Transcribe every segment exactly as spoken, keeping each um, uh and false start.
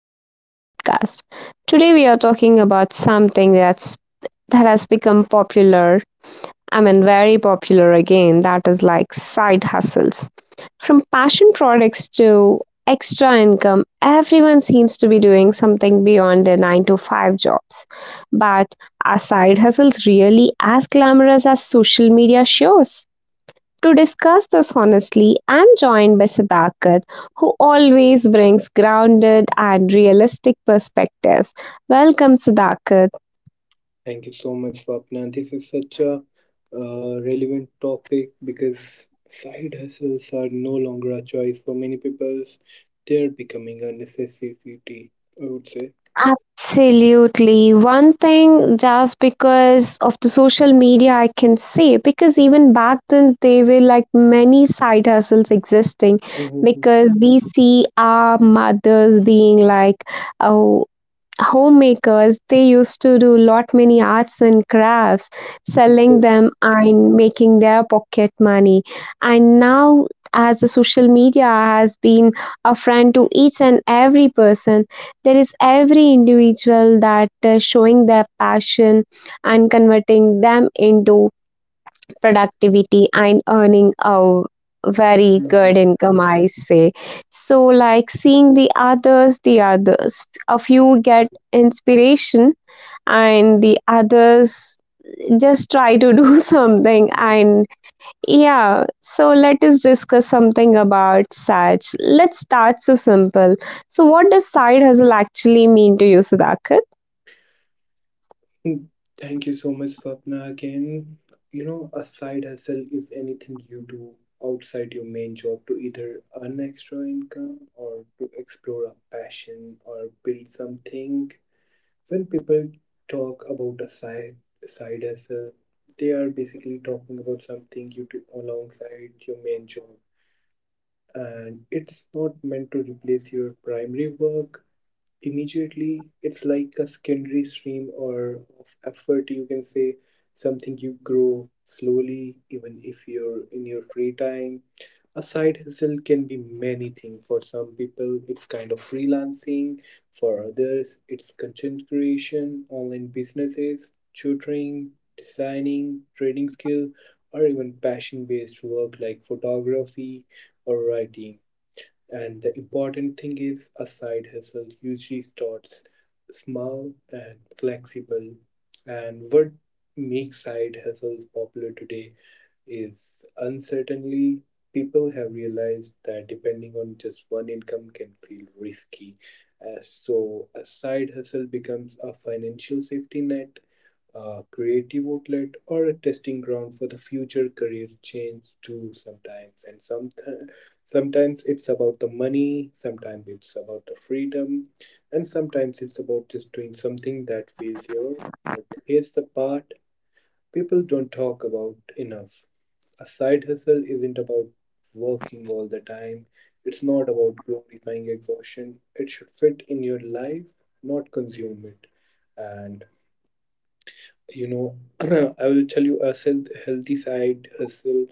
back to the podcast. Today, we are talking about something that's that has become popular. I mean, very popular again. That is like side hustles. From passion products to extra income, everyone seems to be doing something beyond their nine to five jobs. But are side hustles really as glamorous as social media shows? To discuss this honestly, I'm joined by Sadakat, who always brings grounded and realistic perspectives. Welcome, Sadakat. Thank you so much, Swapna. This is such a uh, relevant topic because side hustles are no longer a choice for many people. They're becoming a necessity, I would say. Absolutely. One thing, just because of the social media, I can say, because even back then, there were like many side hustles existing Mhm. because we see our mothers being like, oh, homemakers they used to do lot many arts and crafts selling them Exactly. and making their pocket money, and now as the social media has been a friend to each and every person, there is every individual that is showing their passion and converting them into productivity and earning a very good Mhm. income, I say. So like seeing the others the others a few get inspiration, and the others just try to do something. And yeah, so let us discuss something about such. Let's start so simple. So what does side hustle actually mean to you, Sudhakar? Mhm. Thank you so much, Swapna, again. You know, a side hustle is anything you do outside your main job to either earn extra income or to explore a passion or build something when people talk about a side side hustle, they are basically talking about something you do alongside your main job, and it's not meant to replace your primary work immediately. It's like a secondary stream or of effort, you can say, something you grow slowly even if you're in your free time. A side hustle can be many things. For some people it's kind of freelancing, for others it's content creation, online businesses, tutoring, designing, trading skill, or even passion based work like photography or writing. And the important thing is a side hustle usually starts small and flexible. And what makes side hustles popular today is uncertainly people have realized that depending on just one income can feel risky. Uh, so a side hustle becomes a financial safety net, a creative outlet, or a testing ground for the future career change too sometimes, and some sometimes it's about the money, sometimes it's about the freedom, and sometimes it's about just doing something that feels your. But here's the part people don't talk about enough. A side hustle isn't about working all the time. It's not about glorifying exhaustion. It should fit in your life, not consume it. And you know, I will tell you a self- healthy side hustle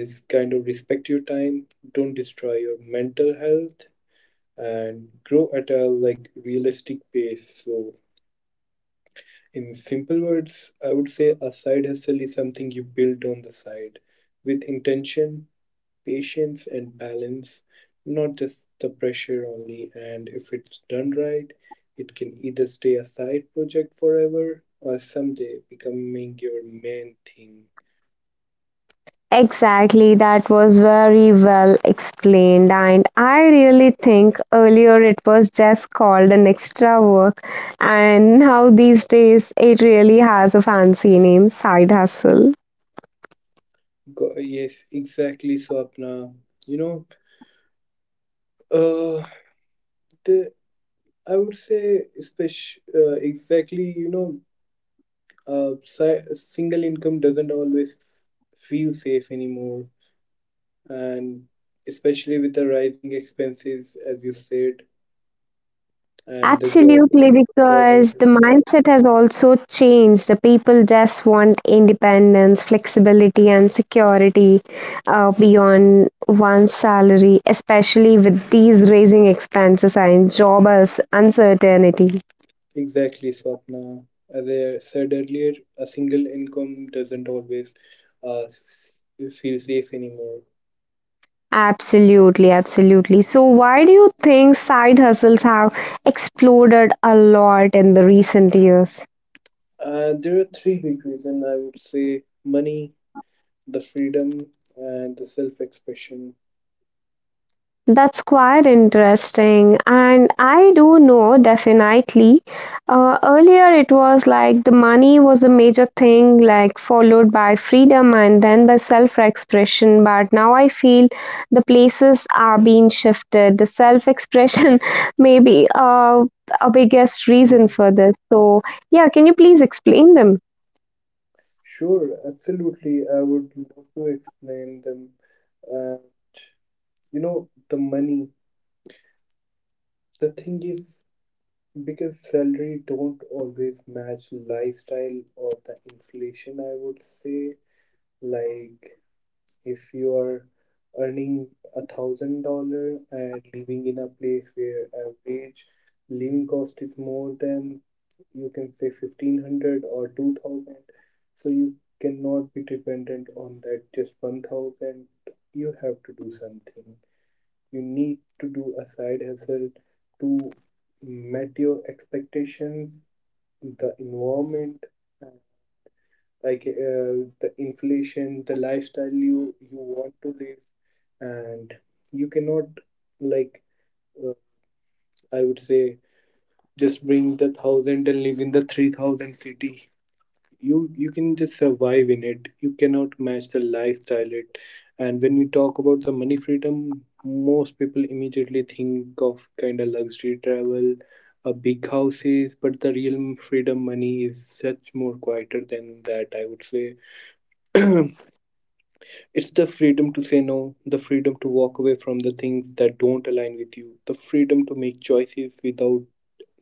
is kind of respect your time, don't destroy your mental health, and grow at a like realistic pace. So in simple words, I would say a side hustle is something you build on the side with intention, patience, and balance, not just the pressure only. And if it's done right, it can either stay a side project forever or someday becoming your main thing. Exactly, that was very well explained, and I really think earlier it was just called an extra work, and now these days it really has a fancy name, side hustle. Go- yes, exactly, Swapna. You know, uh, the I would say, especially uh, exactly, you know, uh, si- single income doesn't always feel safe anymore, and especially with the rising expenses, as you said, and the job Absolutely, Job because the uncertainty. mindset has also changed. The people just want independence, flexibility, and security, uh, beyond one's salary, especially with these raising expenses and job as uncertainty. Exactly, Swapna. As I said earlier, a single income doesn't always uh, s- feel safe anymore. Absolutely, absolutely. So, why do you think side hustles have exploded a lot in the recent years? Uh, there are three big reasons I would say money, the freedom, and the self expression. That's quite interesting. And I do know definitely. Uh, earlier, it was like the money was the major thing, like followed by freedom and then by self expression. But now I feel the places are being shifted. The self expression may be uh, a biggest reason Mm. for this. So, yeah, can you please explain them? Sure, absolutely. I would love to explain them. And you know, the money, the thing is, because salary don't always match lifestyle or the inflation, I would say. Like if you are earning a thousand dollar and living in a place where average living cost is more than you can say fifteen hundred or two thousand, so you cannot be dependent on that just one thousand. You have to do something. You need to do a side hustle to meet your expectations, the environment, like uh, the inflation, the lifestyle you you want to live, and you cannot like uh, I would say just bring the thousand and live in the three thousand city. You you can just survive in it, you cannot match the lifestyle it. And when we talk about the money freedom, most people immediately think of kind of luxury travel, uh, big houses, but the real freedom money is such more quieter than that, I would say. It's the freedom to say no, the freedom to walk away from the things that don't align with you, the freedom to make choices without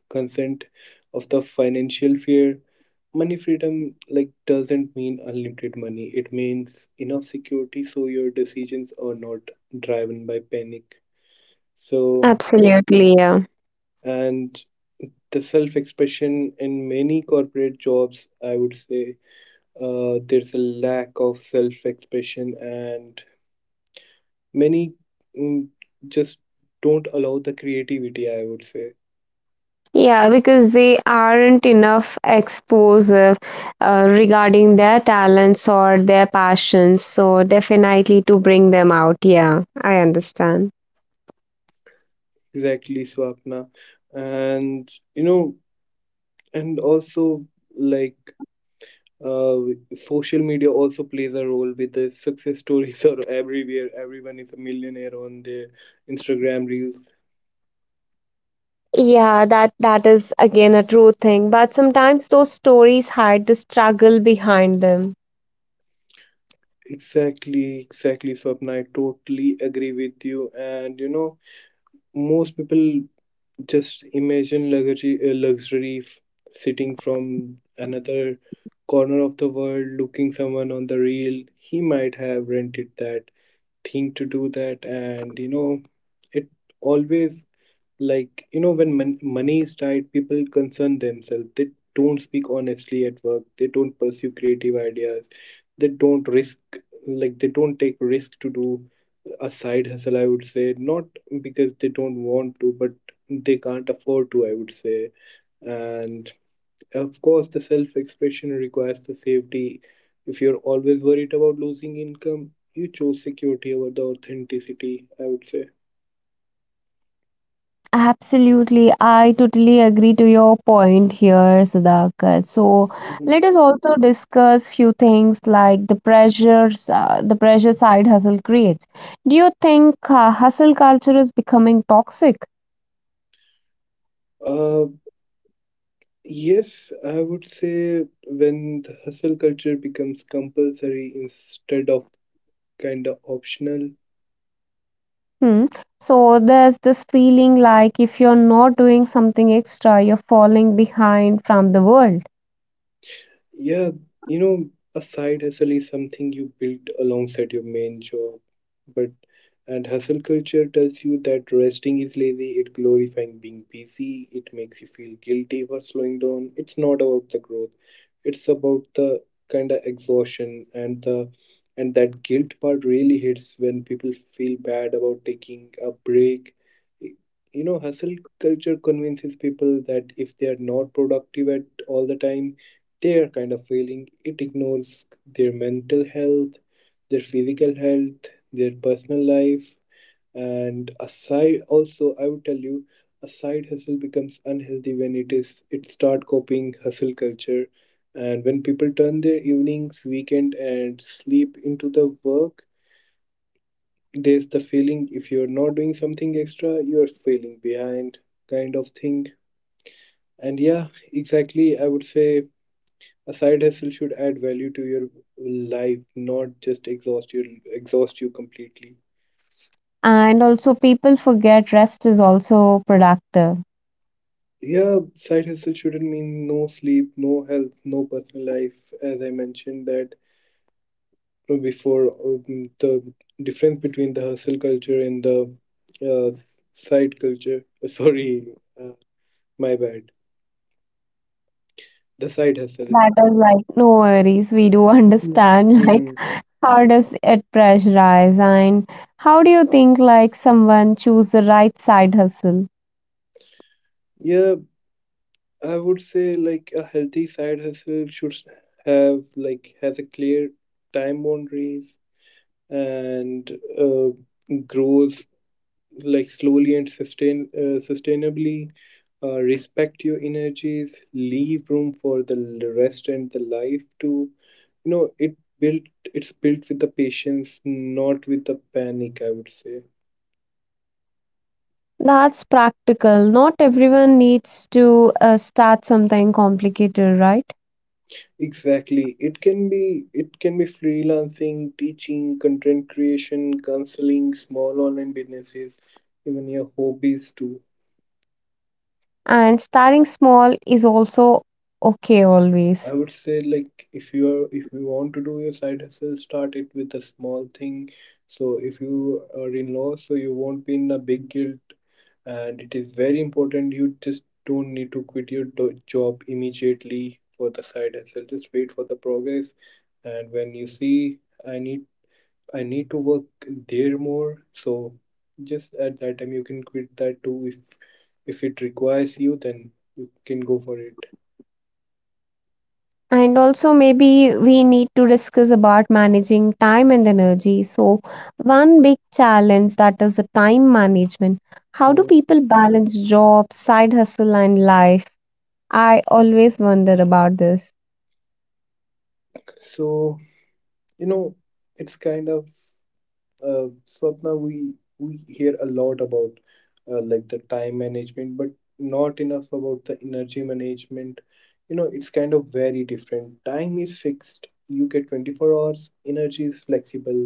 consent of the financial fear. Money freedom like doesn't mean unlimited money. It means enough security so your decisions are not driven by panic. So Absolutely, yeah. and the self-expression in many corporate jobs, I would say, uh, there's a lack of self-expression and many mm, just don't allow the creativity, I would say. Yeah, because they aren't enough exposure uh, regarding their talents or their passions. So, definitely to bring them out. Yeah, I understand. Exactly, Swapna. And, you know, and also like uh, social media also plays a role with the success stories are everywhere. Everyone is a millionaire on their Instagram reels. Yeah, that that is again a true thing. But sometimes those stories hide the struggle behind them. Exactly, exactly, Swapna. I totally agree with you. And you know, most people just imagine luxury, uh, luxury f- sitting from another corner of the world looking someone on the reel. He might have rented that thing to do that. And you know it always like, you know, when mon- money is tight, people concern themselves, they don't speak honestly at work, they don't pursue creative ideas, they don't risk, like they don't take risk to do a side hustle, I would say, not because they don't want to, but they can't afford to, I would say. And of course, the self expression requires the safety. If you're always worried about losing income, you choose security over the authenticity, I would say. Absolutely. I totally agree to your point here, Sudhakar. So Mhm. let us also discuss few things like the pressures, uh, the pressure side hustle creates. Do you think uh, hustle culture is becoming toxic? Uh, yes, I would say when the hustle culture becomes compulsory instead of kind of optional. Hmm. So there's this feeling like if you're not doing something extra, you're falling behind from the world. Yeah, you know, a side hustle is something you build alongside your main job. But and hustle culture tells you that resting is lazy, it glorifying being busy, it makes you feel guilty for slowing down. It's not about the growth. It's about the kind of exhaustion and the and that guilt part really hits when people feel bad about taking a break. You know, hustle culture convinces people that if they are not productive at all the time, their kind of feeling. It ignores their mental health, their physical health, their personal life, and aside also I would tell you a side hustle becomes unhealthy when it is it start copying hustle culture, and when people turn their evenings, weekend, and sleep into the work, there's the feeling if you're not doing something extra you're feeling behind kind of thing. And yeah, exactly, I would say a side hustle should add value to your life, not just exhaust you exhaust you completely. And also, people forget rest is also productive. Yeah, side hustle shouldn't mean no sleep, no health, no personal life. As I mentioned that, you know, before, um, the difference between the hustle culture and the uh, s- side culture. Uh, Sorry, uh, my bad. The side hustle. That is like no worries. We do understand. Like, Mm-hmm. how does it pressurize? And how do you think like someone choose the right side hustle? Yeah, I would say like a healthy side hustle should have like has a clear time boundaries and uh, grows like slowly and sustain uh, sustainably, uh, respect your energies, leave room for the l- rest and the life to. You know it built, it's built with the patience, not with the panic, I would say. That's practical. Not everyone needs to uh, start something complicated, right? Exactly, it can be, it can be freelancing, teaching, content creation, counseling, small online businesses, even your hobbies too. And starting small is also okay I always. would say like if you are if you want to do your side hustle, start it with a small thing. So if you are in law, so you won't be in a big guilt, and it is very important. You just don't need to quit your do- job immediately for the side hustle. Just wait for the progress, and when you see I need I need to work there more, so just at that time you can quit that too. If if it requires you, then you can go for it. And also, maybe we need to discuss about managing time and energy. So, one big challenge that is the time management. How do Mm. people balance job, side hustle, and life? I always wonder about this. So you know it's kind of uh, Swapna, we we hear a lot about uh, like the time management, but not enough about the energy management. You know it's kind of very different. Time is fixed, you get twenty-four hours. Energy is flexible,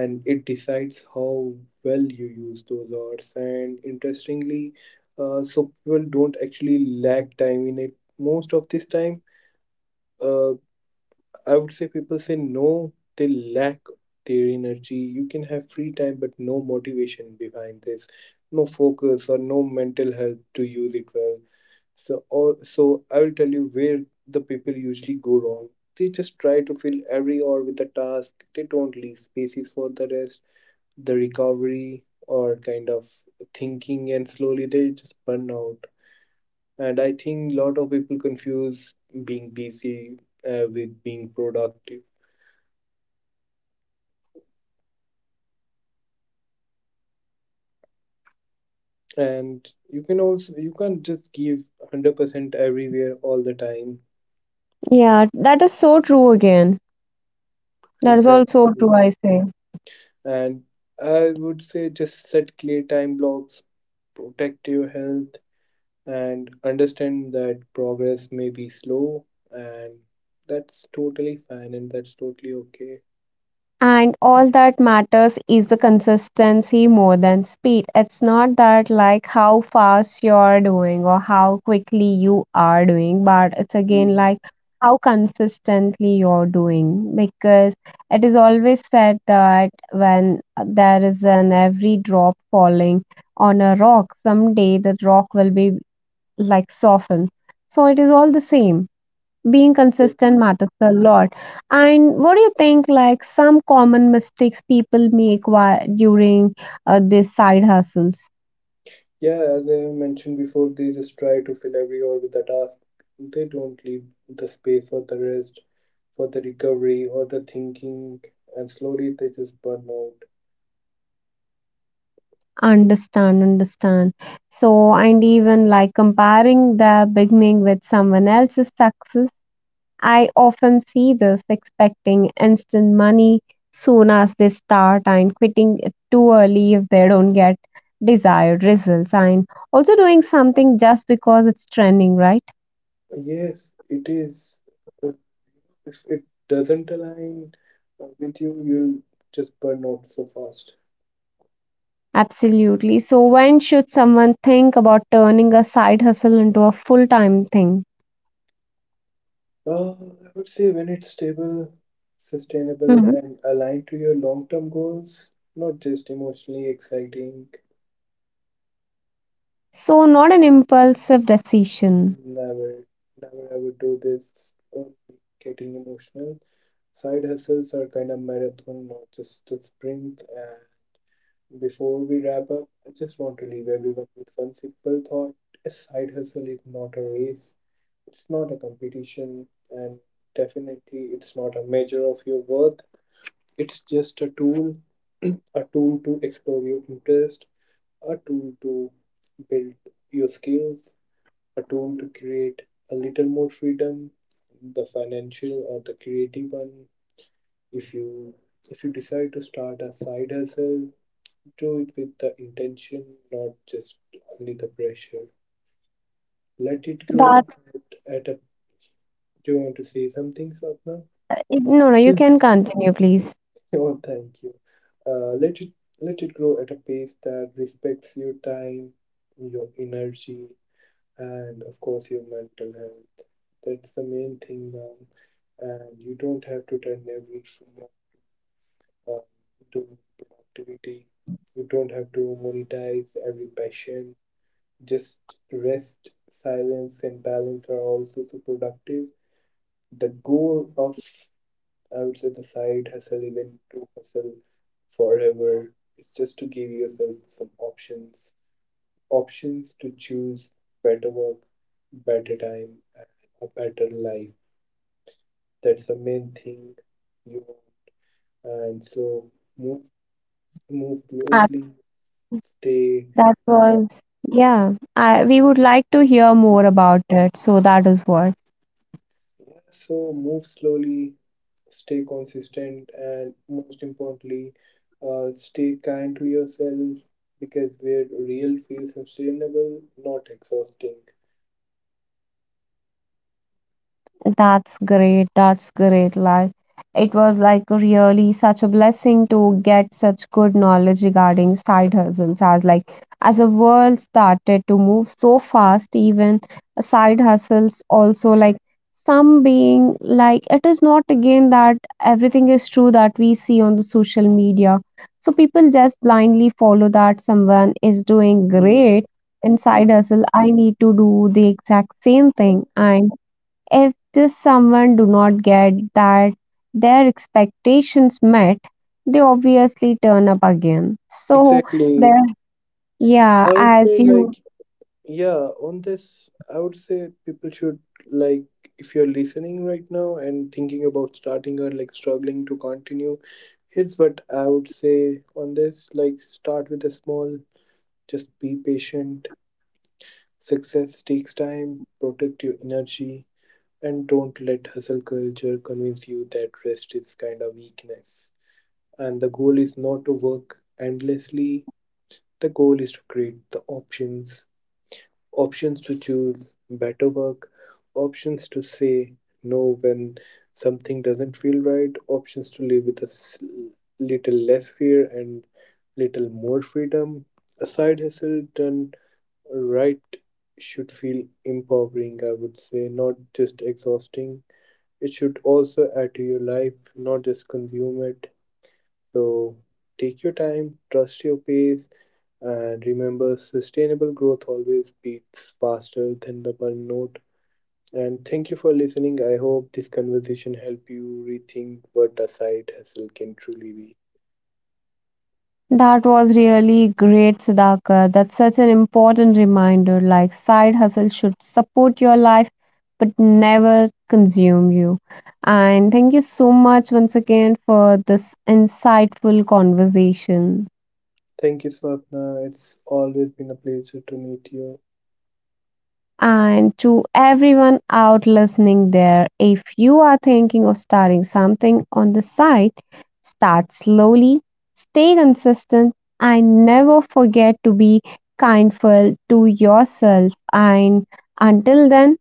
and it decides how well you use those hours. And interestingly, uh, so people don't actually lack time in it most of this time. uh, I would say people say no, they lack their energy. You can have free time, but no motivation behind this, no focus or no mental health to use it well. So, or, so I will tell you where the people usually go wrong. They just try to fill every hour with a task. They don't leave spaces for the rest, the recovery, or kind of thinking, and slowly they just burn out. And I think a lot of people confuse being busy uh, with being productive, and you can also you can't just give one hundred percent everywhere all the time. Yeah, that is so true again. That is Exactly. also true, I say. And I would say just set clear time blocks, protect your health, and understand that progress may be slow, and that's totally fine and that's totally okay. And all that matters is the consistency more than speed. It's not that like how fast you're doing or how quickly you are doing, but it's again Mhm. like how consistently you're doing, because it is always said that when there is an every drop falling on a rock, someday the rock will be like softened. So it is all the same, being consistent Definitely. matters a lot. And what do you think, like some common mistakes people make while during uh, these side hustles? Yeah, as I mentioned before, they just try to fill every hour with a task, they don't leave the space for the rest, for the recovery, or the thinking, and slowly they just burn out. Understand, understand. So, and even like comparing the beginning with someone else's success, I often see this expecting instant money soon as they start, and quitting too early if they don't get desired results, and also doing something just because it's trending, right? Yes, it is. But if it doesn't align uh, with you, you'll just burn out so fast. Absolutely. So, when should someone think about turning a side hustle into a full time thing? Uh, I would say when it's stable, sustainable, Mhm. and aligned to your long term goals, not just emotionally exciting. So, not an impulsive decision. Never, never I would do this or getting emotional. Side hustles are kind of marathon, not just a sprint. And before we wrap up, I just want to leave everyone with one simple thought. A side hustle is not a race, it's not a competition, and definitely it's not a measure of your worth. It's just a tool, a tool to explore your interest, a tool to build your skills, a tool to create a little more freedom, the financial or the creative one. If you if you decide to start a side hustle, do it with the intention, not just only the pressure. Let it That, grow at, at a. Do you want to say something, Sapna? no, no, you Mm. can continue, please. Oh, thank you. Uh, let it let it grow at a pace that respects your time, your energy, and of course your mental health. That's the main thing now, and you don't have to turn every free hour to productivity. You don't have to monetize every passion. Just rest, silence, and balance are also so productive. The goal of, I would say, the side hustle isn't to hustle forever. It's just to give yourself some options, options to choose better work, better time, and a better life. That's the main thing you want. And so move, move Uh, closely, stay. That was, yeah, I, we would like to hear more about it. So, that is what. Yeah, so move slowly, stay consistent, and most importantly uh, stay kind to yourself, because where real feels sustainable, not exhausting. That's great. That's great. Like it was like really such a blessing to get such good knowledge regarding side hustles, as like as the world started to move so fast, even side hustles also like some being like it is not again that everything is true that we see on the social media. So people just blindly follow that someone is doing Mm, great inside hustle. I need to do the exact same mm. thing, and if this someone do not get that their expectations met, they obviously turn up again. So the, Exactly, I yeah, would as say like, you. yeah, on this I would say people should like if you're listening right now and thinking about starting or like struggling to continue, here's what I would say on this, like start with a small, just be patient. Success takes time, protect your energy, and don't let hustle culture convince you that rest is kind of weakness. And the goal is not to work endlessly, the goal is to create the options, options to choose better work, options to say no when something doesn't feel right, options to live with a s- little less fear and little more freedom. A side hustle done right should feel empowering, I would say, not just exhausting. It should also add to your life, not just consume it. So take your time, trust your pace, and remember sustainable growth always beats faster than the burnout. And thank you for listening. I hope this conversation helped you rethink what a side hustle can truly be. That was really great, Sudhakar. That's such an important reminder, like side hustle should support your life but never consume you. And thank you so much once again for this insightful conversation. Thank you, Swapna. It's always been a pleasure to meet you. And to everyone out listening there, if you are thinking of starting something on the side, start slowly, stay consistent, and never forget to be kindful to yourself. And until then,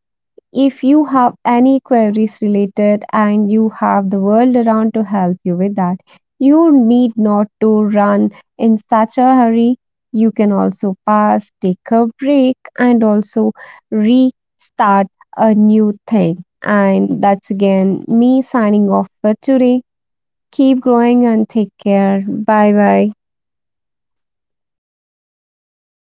if you have any queries related and you have the world around to help you with that, you need not to run in such a hurry. You can also pause, take a break, and also restart a new thing. And that's again me signing off for today. Keep growing and take care. Bye bye.